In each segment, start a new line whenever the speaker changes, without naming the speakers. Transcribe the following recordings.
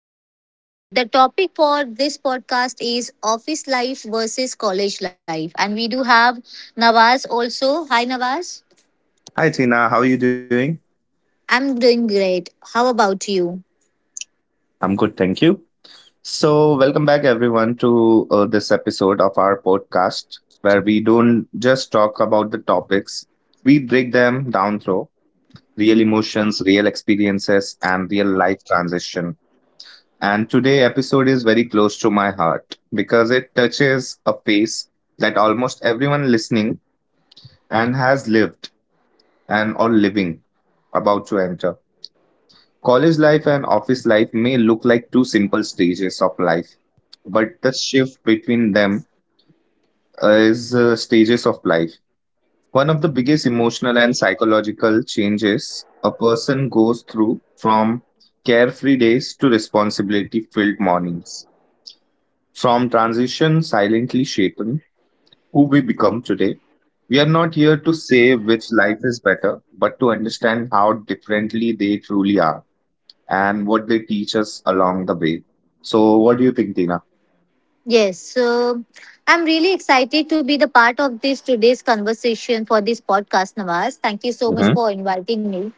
And the topic for this podcast is office life versus college life. And we do have Nawaz also. Hi Nawaz.
Hi, Tina. How are you doing?
I'm doing great. How about you?
I'm good, thank you. So, welcome back, everyone, to this episode of our podcast where we don't just talk about the topics, we break them down through real emotions, real experiences, and real life transition. And today episode is very close to my heart because it touches a phase that almost everyone listening and has lived and or living about to enter. College life and office life may look like two simple stages of life but the shift between them is stages of life. One of the biggest emotional and psychological changes a person goes through from carefree days to responsibility filled mornings. From transition silently shaping who we become today. We are not here to say which life is better, but to understand how differently they truly are and what they teach us along the way. So, what do you think, Tina?
Yes, so I'm really excited to be the part of this today's conversation for this podcast, Nawaz. Thank you so much
hmm
for inviting me.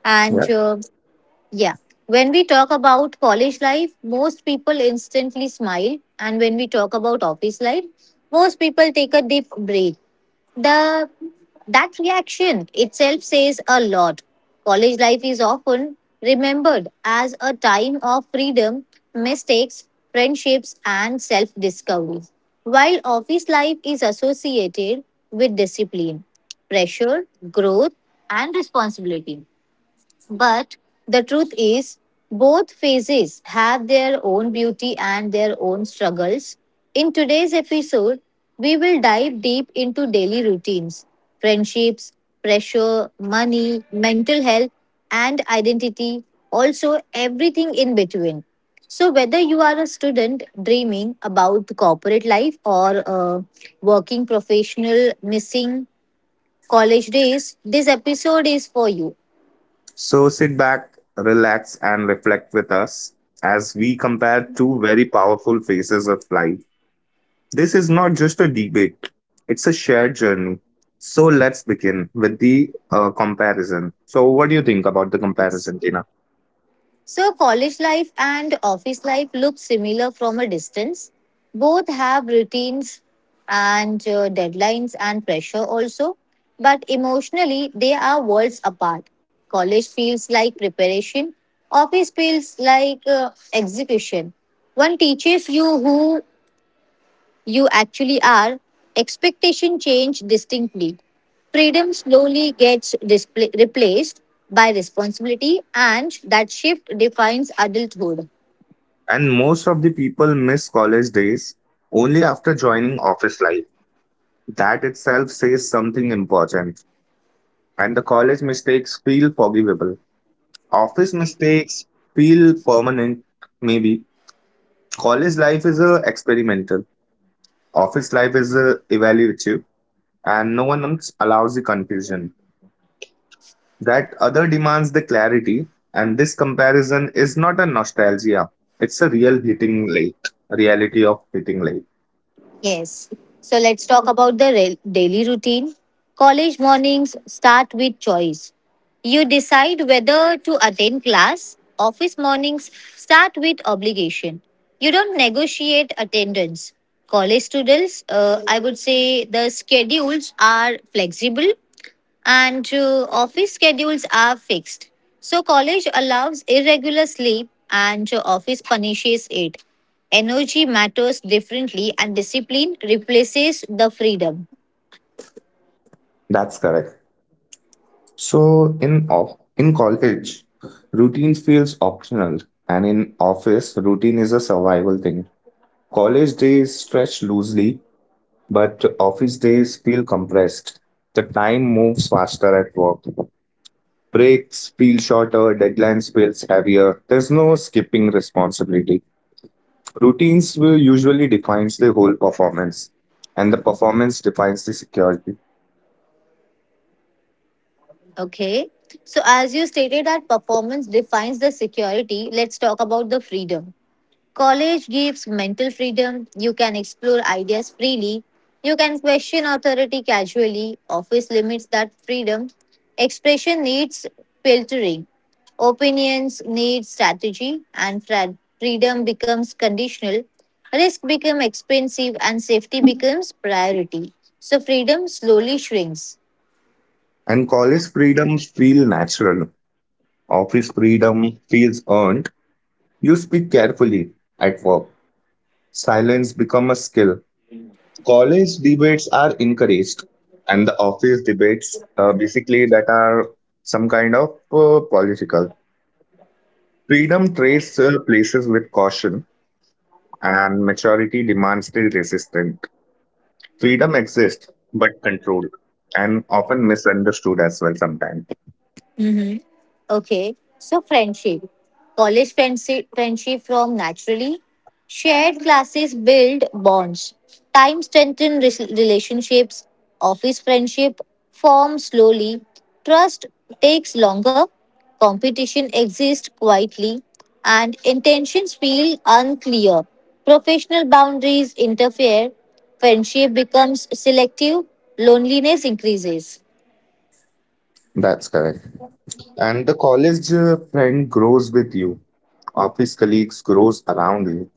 And Yeah. When we talk about college life, most people instantly smile. And when we talk about office life, most people take a deep breath. The That reaction itself says a lot. College life is often remembered as a time of freedom, mistakes, friendships, and self-discovery. While office life is associated with discipline, pressure, growth, and responsibility. But the truth is, both phases have their own beauty and their own struggles. In today's episode, we will dive deep into daily routines, friendships, pressure, money, mental health, and identity, also everything in between. So, whether you are a student dreaming about corporate life or a working professional missing college days, this episode is for you.
So sit back, relax, and reflect with us as we compare two very powerful phases of life. This is not just a debate, it's a shared journey. So let's begin with the comparison. So, what do you think about the comparison, Tina?
So, college life and office life look similar from a distance. Both have routines and deadlines and pressure also, but emotionally they are worlds apart. College feels like preparation, office feels like execution. One teaches you who you actually are. Expectation change distinctly. Freedom slowly gets displa replaced by responsibility, and that shift defines adulthood.
And most of the people miss college days only after joining office life. That itself says something important. And the college mistakes feel forgivable, office mistakes feel permanent, maybe. College life is experimental, office life is evaluative, and no one else allows the confusion. That other demands the clarity, and this comparison is not a nostalgia. It's a real hitting late, reality of hitting late.
Yes. So let's talk about the daily routine. College mornings start with choice. You decide whether to attend class. Office mornings start with obligation. You don't negotiate attendance. College students, I would say the schedules are flexible and office schedules are fixed. So, college allows irregular sleep, and office punishes it. Energy matters differently, and discipline replaces the freedom.
That's correct. So in college, routine feels optional, and in office, routine is a survival thing. College days stretch loosely, but office days feel compressed. The time moves faster at work. Breaks feel shorter, deadlines feels heavier. There's no skipping responsibility. Routines will usually defines the whole performance, and the performance defines the security.
Okay. So, as you stated, that performance defines the security, let's talk about the freedom. College gives mental freedom. You can explore ideas freely. You can question authority casually. Office limits that freedom. Expression needs filtering. Opinions need strategy. And freedom becomes conditional. Risk becomes expensive and safety becomes priority. So freedom slowly shrinks.
And college freedoms feel natural. Office freedom feels earned. You speak carefully at work. Silence become a skill. College debates are encouraged, and the office debates, basically, that are some kind of political. Freedom trades places with caution, and maturity demands the resistance. Freedom exists, but controlled, and often misunderstood as well sometimes.
Mm-hmm. Okay. So friendship. College friendship from naturally. Shared classes build bonds. Time strengthen relationships. Office friendship form slowly. Trust takes longer. Competition exists quietly. And intentions feel unclear. Professional boundaries interfere. Friendship becomes selective. Loneliness increases.
That's correct. And the college friend grows with you. Office colleagues grows around you.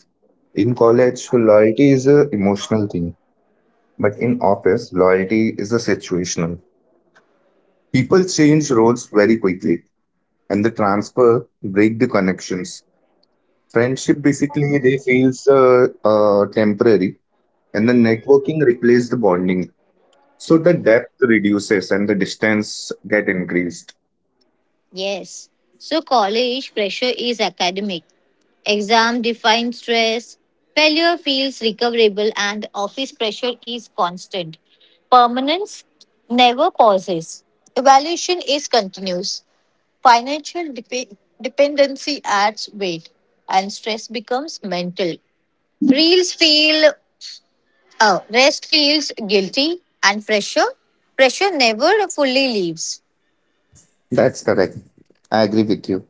In college, loyalty is a emotional thing, but in office, loyalty is a situational. People change roles very quickly and the transfer break the connections. Friendship basically they feels temporary and the networking replace the bonding. So the depth reduces and the distance get increased.
Yes. So college pressure is academic. Exam defined stress. Failure feels recoverable and office pressure is constant. Permanence never pauses. Evaluation is continuous. Financial dependency adds weight and stress becomes mental. Reels feel rest feels guilty and pressure never fully leaves.
That's correct. I agree with you.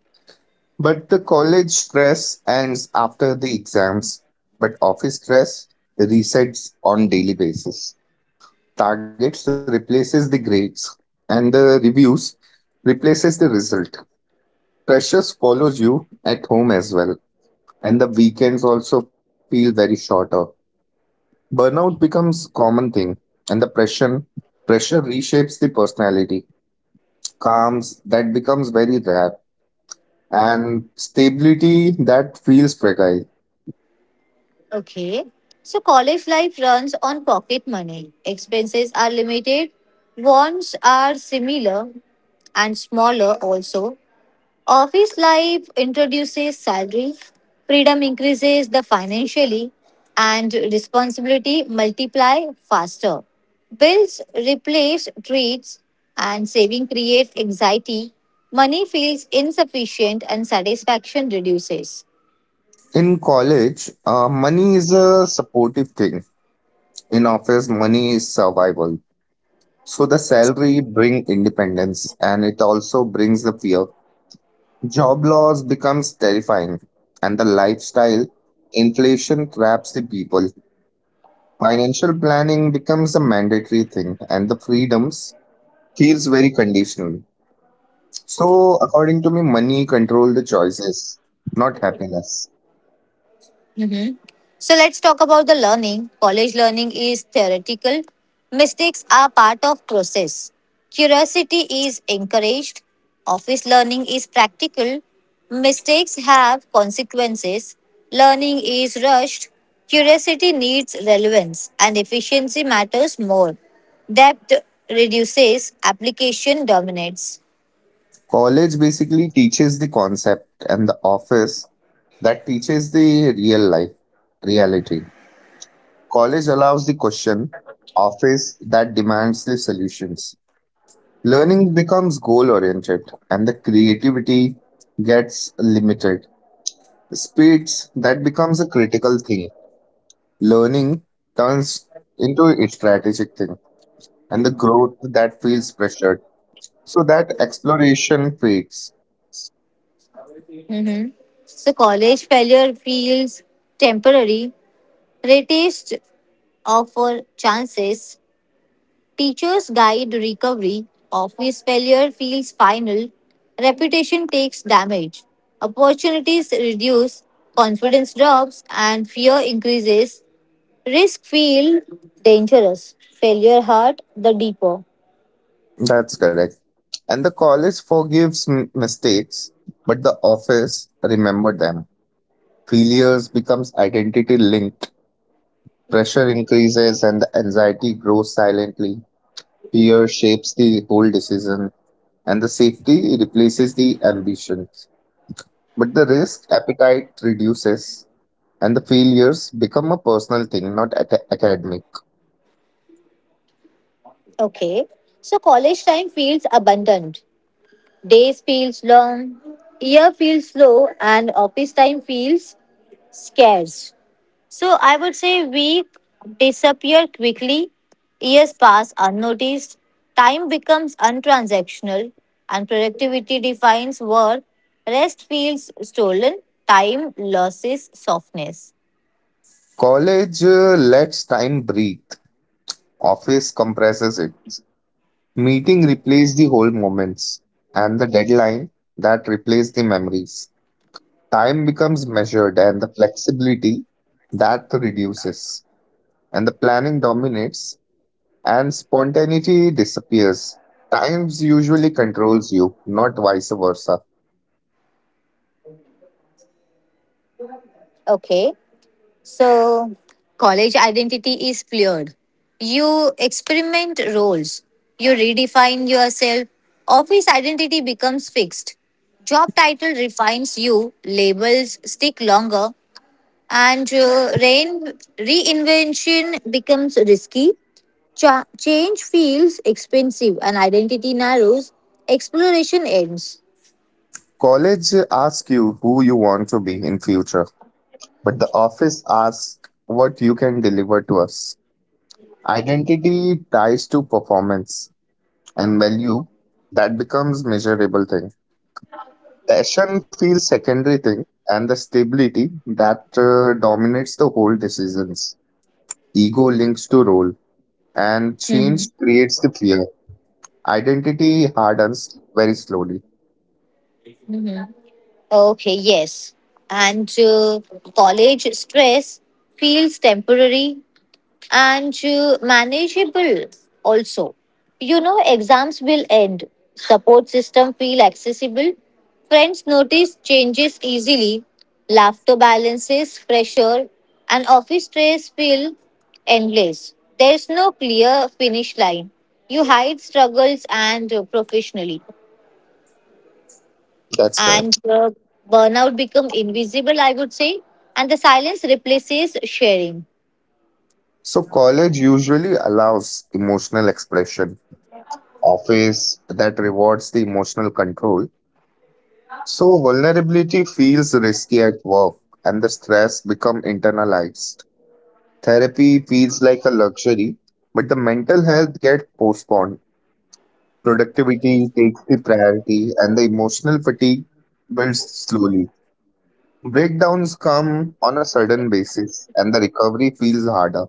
But the college stress ends after the exams, but office stress resets on daily basis. Targets replaces the grades and the reviews replaces the result. Pressures follows you at home as well, and the weekends also feel very shorter. Burnout becomes common thing, and the pressure reshapes the personality. Calms that becomes very rare, and stability that feels fragile.
Okay. So college life runs on pocket money. Expenses are limited, wants are similar and smaller also. Office life introduces salary, freedom increases the financially and responsibility multiply faster. Bills replace treats and saving creates anxiety. Money feels insufficient and satisfaction reduces.
In college, money is a supportive thing. In office, money is survival. So the salary bring independence, and it also brings the fear. Job loss becomes terrifying, and the lifestyle inflation traps the people. Financial planning becomes a mandatory thing, and the freedoms feels very conditional. So, according to me, money control the choices, not happiness.
Mhm. So let's talk about the learning. College learning is theoretical. Mistakes are part of process. Curiosity is encouraged. Office learning is practical. Mistakes have consequences. Learning is rushed. Curiosity needs relevance and efficiency matters more. Depth reduces, application dominates.
College basically teaches the concept, and the office that teaches the real life reality. College allows the question, office that demands the solutions. Learning becomes goal oriented and the creativity gets limited. Speeds that becomes a critical thing. Learning turns into a strategic thing and the growth that feels pressured. So that exploration fades.
Mhm. So college failure feels temporary. Retest offer chances, teachers guide recovery, office failure feels final, reputation takes damage, opportunities reduce, confidence drops, and fear increases, risk feel dangerous, failure hurt the deeper.
That's correct. And the college forgives mistakes, but the office remember them. Failures becomes identity linked. Pressure increases and the anxiety grows silently. Fear shapes the whole decision and the safety replaces the ambition. But the risk appetite reduces, and the failures become a personal thing, not academic.
Okay, so college time feels abundant, days feels long, year feels slow, and office time feels scarce. So I would say we disappear quickly, years pass unnoticed, time becomes untransactional, and productivity defines work. Rest feels stolen, time loses softness.
College lets time breathe, office compresses it. Meeting replaces the whole moments, and the deadline that replaces the memories. Time becomes measured, and the flexibility that reduces, and the planning dominates and spontaneity disappears. Times usually controls you, not vice versa.
Okay, so college identity is fluid. You experiment roles, you redefine yourself, office identity becomes fixed. Job title refines you, labels stick longer, and reinvention becomes risky. Change feels expensive, and identity narrows. Exploration ends.
College asks you who you want to be in future, but the office asks what you can deliver to us. Identity ties to performance and value that becomes measurable thing. Passion feels secondary thing and the stability that dominates the whole decisions. Ego links to role and change
Mhm.
creates the fear. Identity hardens very slowly.
Mhm. Okay, yes. And college stress feels temporary, and manageable also. Exams will end, support system feel accessible, friends notice changes easily, laughter balances pressure, and office stress feel endless. There's no clear finish line. You hide struggles and professionally,
That's correct.
and burnout become invisible. I would say, and the silence replaces sharing.
So, college usually allows emotional expression, office that rewards the emotional control. So, vulnerability feels risky at work and the stress become internalized. Therapy feels like a luxury, but the mental health gets postponed. Productivity takes the priority and the emotional fatigue builds slowly. Breakdowns come on a sudden basis and the recovery feels harder.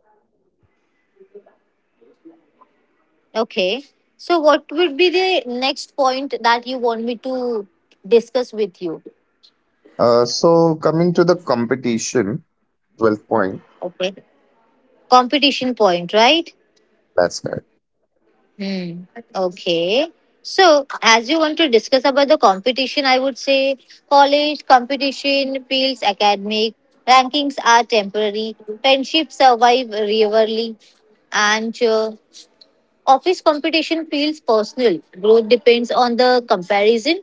Okay. So, what would be the next point that you want me to discuss with you?
So coming to the competition, 12 point,
Okay. Competition point, right?
that's right.
Hmm. Okay. So, as you want to discuss about the competition, I would say college competition feels academic, rankings are temporary, friendships survive rarely, and office competition feels personal. Growth depends on the comparison,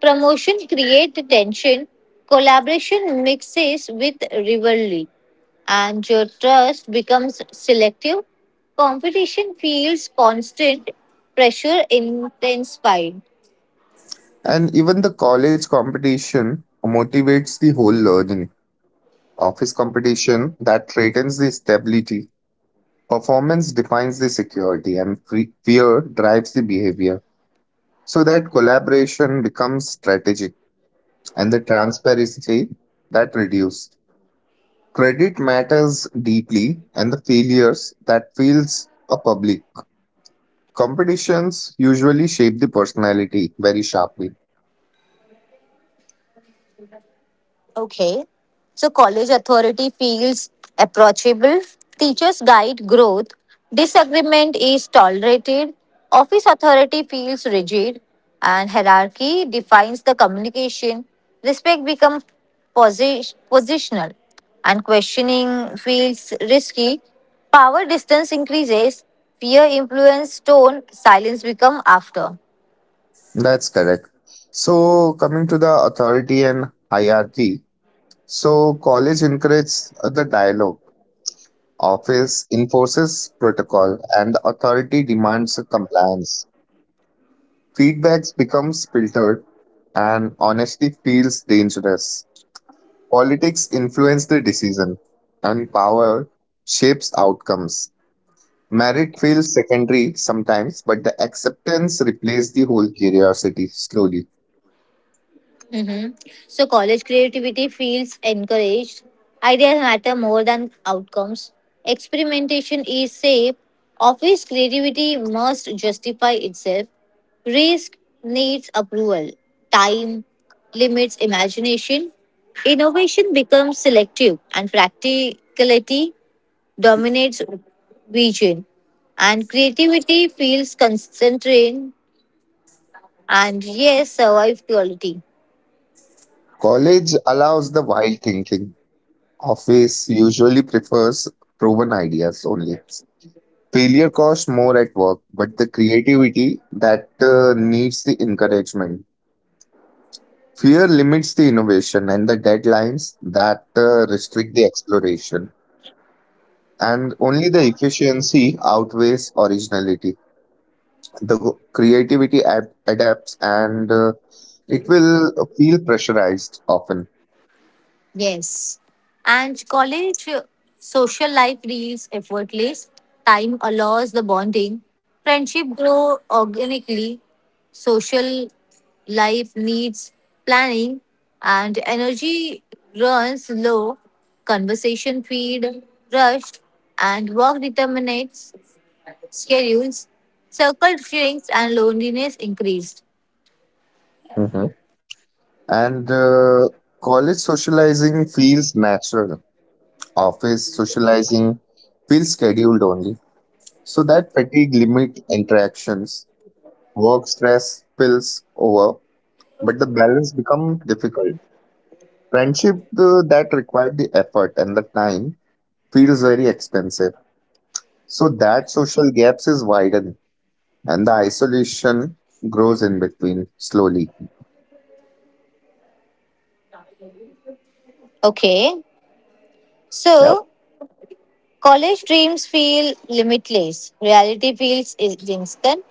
promotion creates tension, collaboration mixes with rivalry, and your trust becomes selective. Competition feels constant, pressure intensified.
And even the college competition motivates the whole learning. Office competition that threatens the stability. Performance defines the security and fear drives the behavior. So that collaboration becomes strategic and the transparency that reduces. Credit matters deeply and the failures that feels a public. Competitions usually shape the personality very sharply.
Okay. So college authority feels approachable, teachers guide growth, disagreement is tolerated, office authority feels rigid, and hierarchy defines the communication. Respect becomes positional, and questioning feels risky. Power distance increases, fear influence tone, silence become after.
That's correct. So, coming to the authority and hierarchy, so college encourages the dialogue, office enforces protocol, and the authority demands compliance. Feedbacks becomes filtered, and honesty feels dangerous. Politics influence the decision, and power shapes outcomes. Merit feels secondary sometimes, but the acceptance replaced the whole curiosity slowly.
hmm So college creativity feels encouraged. Ideas matter more than outcomes. Experimentation is safe. Office creativity must justify itself. Risk needs approval. Time limits imagination. Innovation becomes selective and practicality dominates vision. And creativity feels constrained and yes, survive quality.
College allows the wild thinking. Office usually prefers proven ideas only. Failure costs more at work, but the creativity that needs the encouragement. Fear limits the innovation and the deadlines that restrict the exploration. And only the efficiency outweighs originality. The creativity adapts and it will feel pressurized often.
Yes. And college social life feels effortless. Time allows the bonding. Friendship grow organically. Social life needs planning and energy runs low. Conversation feed rushed and work determinates schedules. Circle shrinks and loneliness increased.
hmm and College socializing feels natural. Office socializing feels scheduled only. So that fatigue limit interactions, work stress spills over, but the balance become difficult. Friendship that required the effort and the time feels very expensive. So that social gaps is widened, and the isolation grows in between slowly.
Okay.
Yep,
So college dreams feel limitless, reality feels instant,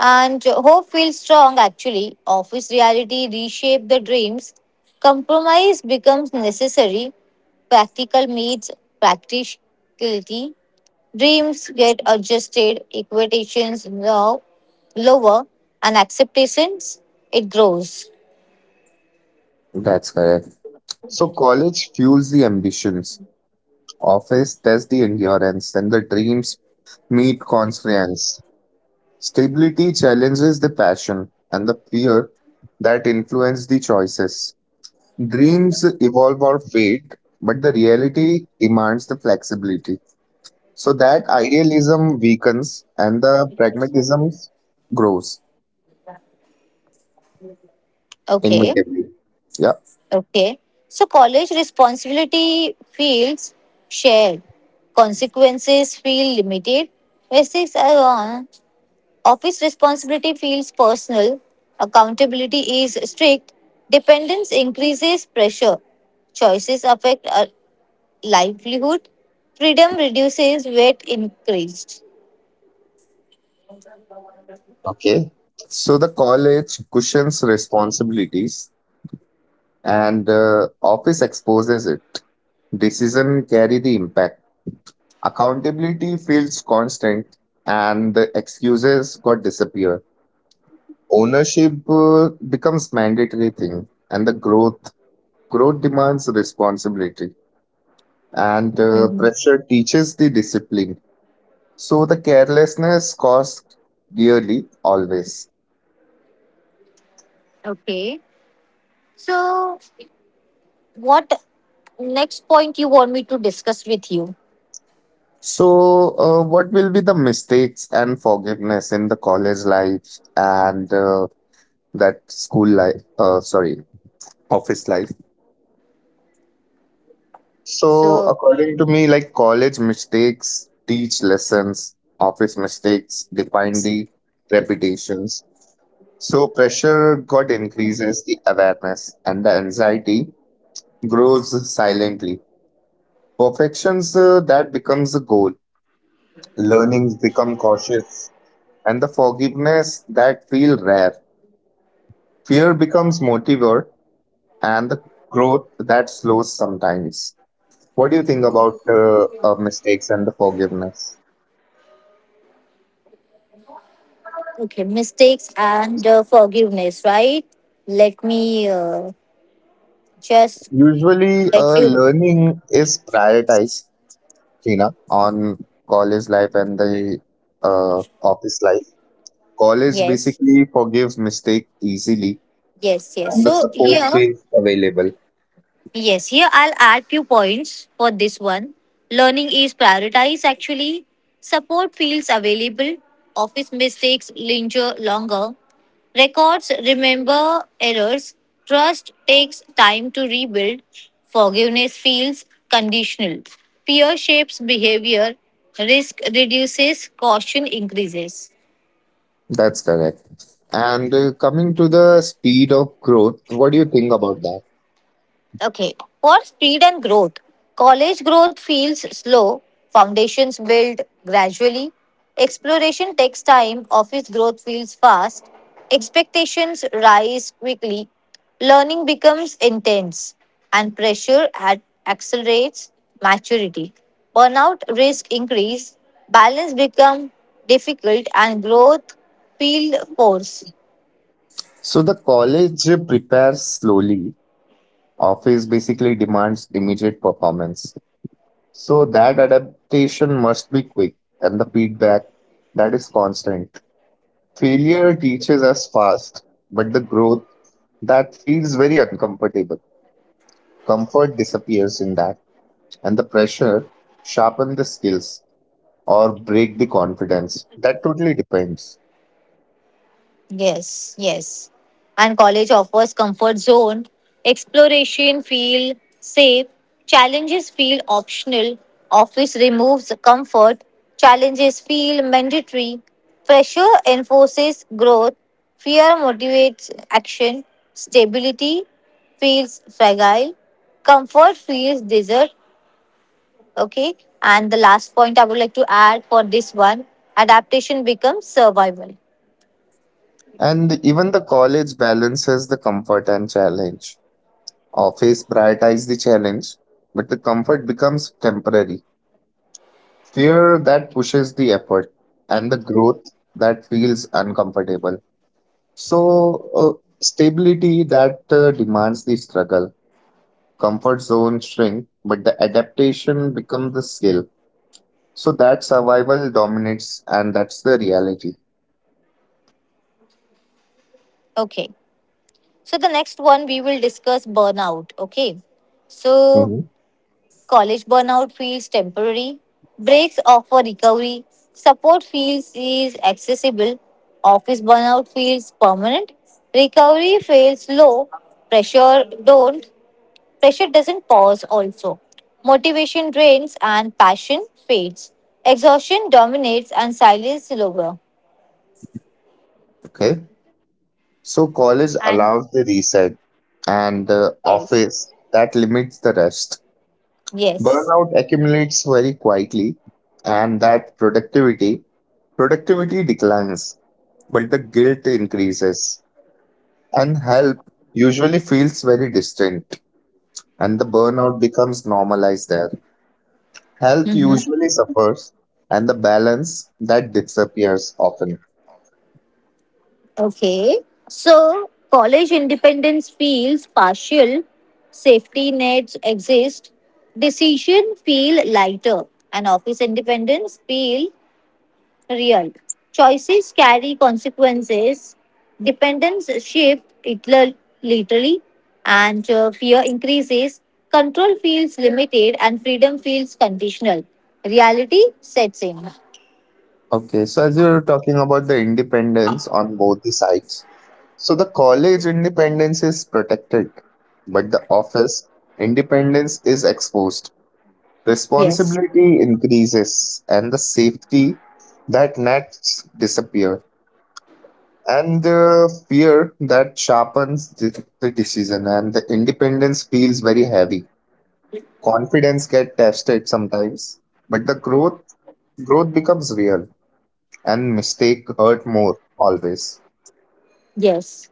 and hope feels strong actually. Office reality reshape the dreams. Compromise becomes necessary. Practical meets practicality. Dreams get adjusted, equitations low, lower, and acceptations it grows.
that's correct. So college fuels the ambitions, office tests the endurance, and the dreams meet constraints. Stability challenges the passion and the fear that influence the choices. Dreams evolve or fade, but the reality demands the flexibility. So that idealism weakens and the pragmatism grows
Okay.
inevitably. Yeah.
Okay. So college responsibility feels shared. Consequences feel limited. Basics are on. Office responsibility feels personal. Accountability is strict. Dependence increases pressure. Choices affect our livelihood. Freedom reduces weight increased.
Okay. So the college cushions responsibilities and office exposes it. Decision carry the impact. Accountability feels constant, and the excuses got disappear. Ownership becomes mandatory thing, and the growth demands responsibility, and
Mhm.
pressure teaches the discipline. So the carelessness costs dearly always.
Okay. So what next point you want me to discuss with you?
So, what will be the mistakes and forgiveness in the college life and that school life, office life. So,
So
according to me, like college mistakes teach lessons, office mistakes define the reputations. So, pressure got increases the awareness and the anxiety grows silently. Perfections that becomes a goal. Learnings become cautious and the forgiveness that feel rare. Fear becomes motivator and the growth that slows sometimes. What do you think about mistakes and the forgiveness?
okay, mistakes and forgiveness, right? Let me just
Usually,
let you.
learning is prioritized, Tina, on college life and the office life. College
Yes,
basically forgives mistake easily,
yes, yes.
and the support is available.
Yes, here I'll add few points for this one. Learning is prioritized actually. Support feels available. Office mistakes linger longer. Records remember errors. Trust takes time to rebuild. Forgiveness feels conditional. Fear shapes behavior. Risk reduces, caution increases.
That's correct. And Coming to the speed of growth, what do you think about that?
Okay, for speed and growth, college growth feels slow, foundations build gradually, exploration takes time, office growth feels fast, expectations rise quickly, learning becomes intense, and pressure accelerates maturity. Burnout risk increase, balance become difficult, and growth feel forced.
So the college prepares slowly. Office basically demands immediate performance. So that adaptation must be quick and the feedback that is constant. Failure teaches us fast, but the growth that feels very uncomfortable. Comfort disappears in that, and the pressure sharpen the skills or break the confidence. That totally depends.
Yes, yes. And college offers comfort zone, exploration feel safe, challenges feel optional, office removes comfort, challenges feel mandatory, pressure enforces growth, fear motivates action, stability feels fragile, comfort feels desert. Okay, and the last point I would like to add for this one adaptation becomes survival.
And even the college balances the comfort and challenge. Office prioritize the challenge, but the comfort becomes temporary. Fear that pushes the effort and the growth that feels uncomfortable. So, stability that demands the struggle, comfort zone shrink, but the adaptation becomes the skill. So, that survival dominates, and that's the reality.
Okay. So the next one we will discuss burnout. Okay. So
Mhm.
college burnout feels temporary. Breaks offer recovery. Support feels is accessible. Office burnout feels permanent. Recovery feels low. Pressure don't. Pressure doesn't pause also. Motivation drains and passion fades. Exhaustion dominates and silence is lower.
Okay. So, college
And
allows the reset, and
yes.
office that limits the rest.
Yes.
Burnout accumulates very quietly, and that productivity declines, but the guilt increases, and help usually feels very distant, and the burnout becomes normalized there. Health usually suffers, and the balance that disappears often.
Okay. So, college independence feels partial, safety nets exist, decision feel lighter, and office independence feel real. Choices carry consequences, dependence shift it literally, and fear increases. Control feels limited, and freedom feels conditional. Reality sets in.
Okay, so as you were talking about the independence on both the sides, so the college independence is protected, but the office independence is exposed.
Yes.
Responsibility increases and the safety that nets disappear and the fear that sharpens the decision and the independence feels very heavy. Confidence get tested sometimes, but the growth becomes real and mistake hurt more always.
Yes.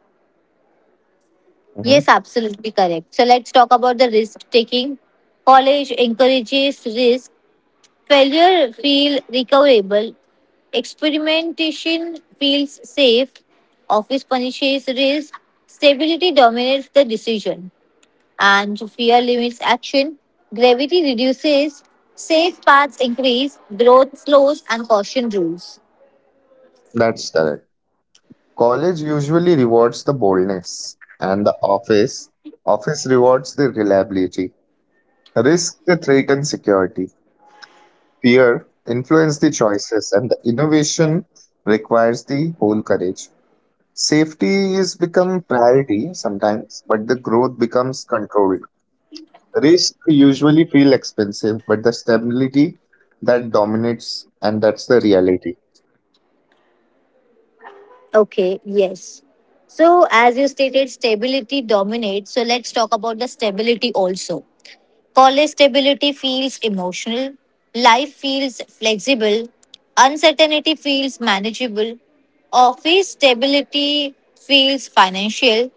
Mhm.
Yes, absolutely correct. So let's talk about the risk taking. College encourages risk. Failure feel recoverable. Experimentation feels safe. Office punishes risk. Stability dominates the decision. And fear limits action. Gravity reduces. Safe paths increase. Growth slows and caution rules.
That's correct. College usually rewards the boldness and the office rewards the reliability. Risk the threat and security fear influence the choices and the innovation requires the whole courage, safety is become priority sometimes but the growth becomes controlled, risk usually feel expensive but the stability that dominates and that's the reality.
Okay, yes. So, as you stated, stability dominates. So, let's talk about the stability also. College stability feels emotional, life feels flexible, uncertainty feels manageable, office stability feels financial,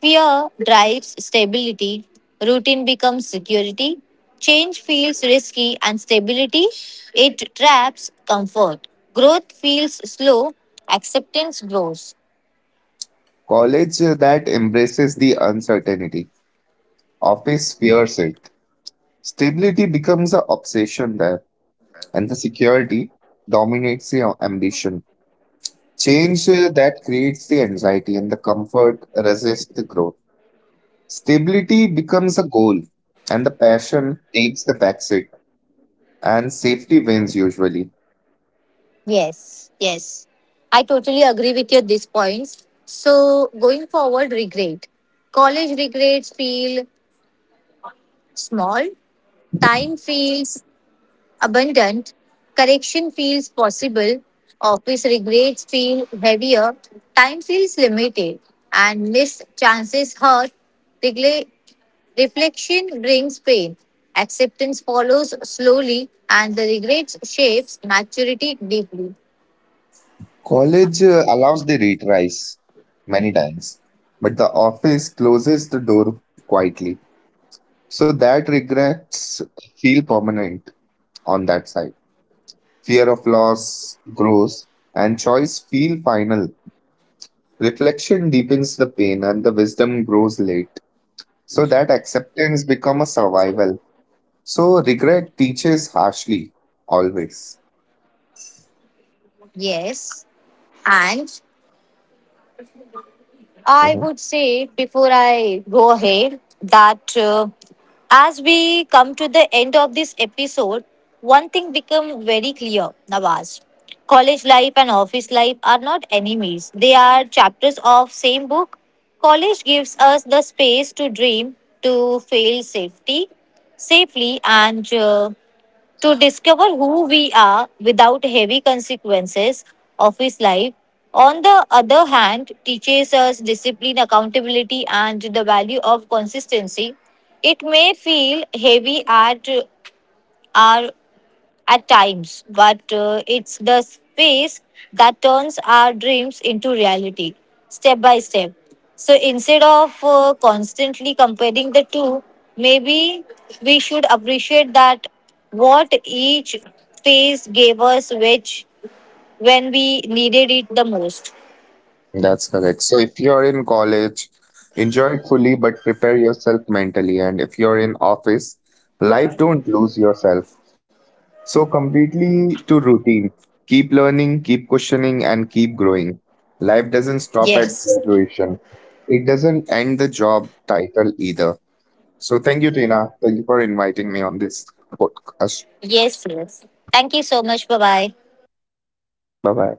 fear drives stability, routine becomes security, change feels risky, and stability it traps comfort. Growth feels slow, acceptance grows.
College that embraces the uncertainty, office fears it. Stability becomes an obsession there and the security dominates the ambition. Change that creates the anxiety and the comfort resists the growth. Stability becomes a goal, and the passion takes the backseat, and safety wins usually.
Yes, yes. I totally agree with your these points. So going forward, regret. College regrets feel small. Time feels abundant, correction feels possible, office regrets feel heavier, time feels limited, and missed chances hurt. Regle- Reflection brings pain. Acceptance follows slowly, and the regrets shapes maturity deeply.
College allows the retries many times, but the office closes the door quietly. So that regrets feel permanent on that side. Fear of loss grows, and choice feel final. Reflection deepens the pain, and the wisdom grows late. So that acceptance become a survival. So regret teaches harshly, always.
Yes, and I
Mhm.
would say before I go ahead that as we come to the end of this episode, one thing become very clear, Nawaz. College life and office life are not enemies. They are chapters of same book. College gives us the space to dream, to safely and to discover who we are without heavy consequences of his life. On the other hand, teaches us discipline, accountability, and the value of consistency. It may feel heavy our at times, but it's the space that turns our dreams into reality step by step. So instead of constantly comparing the two, maybe we should appreciate that what each phase gave us, which when we needed it the most.
That's correct. So if you're in college, enjoy it fully, but prepare yourself mentally. And if you're in office, life don't lose yourself. So completely to routine. Keep learning, keep questioning, and keep growing. Life doesn't stop at
Yes.
graduation. It doesn't end the job title either. So thank you, Tina. Thank you for inviting me on this podcast.
Yes, yes. Thank you so much. Bye bye.
Bye bye.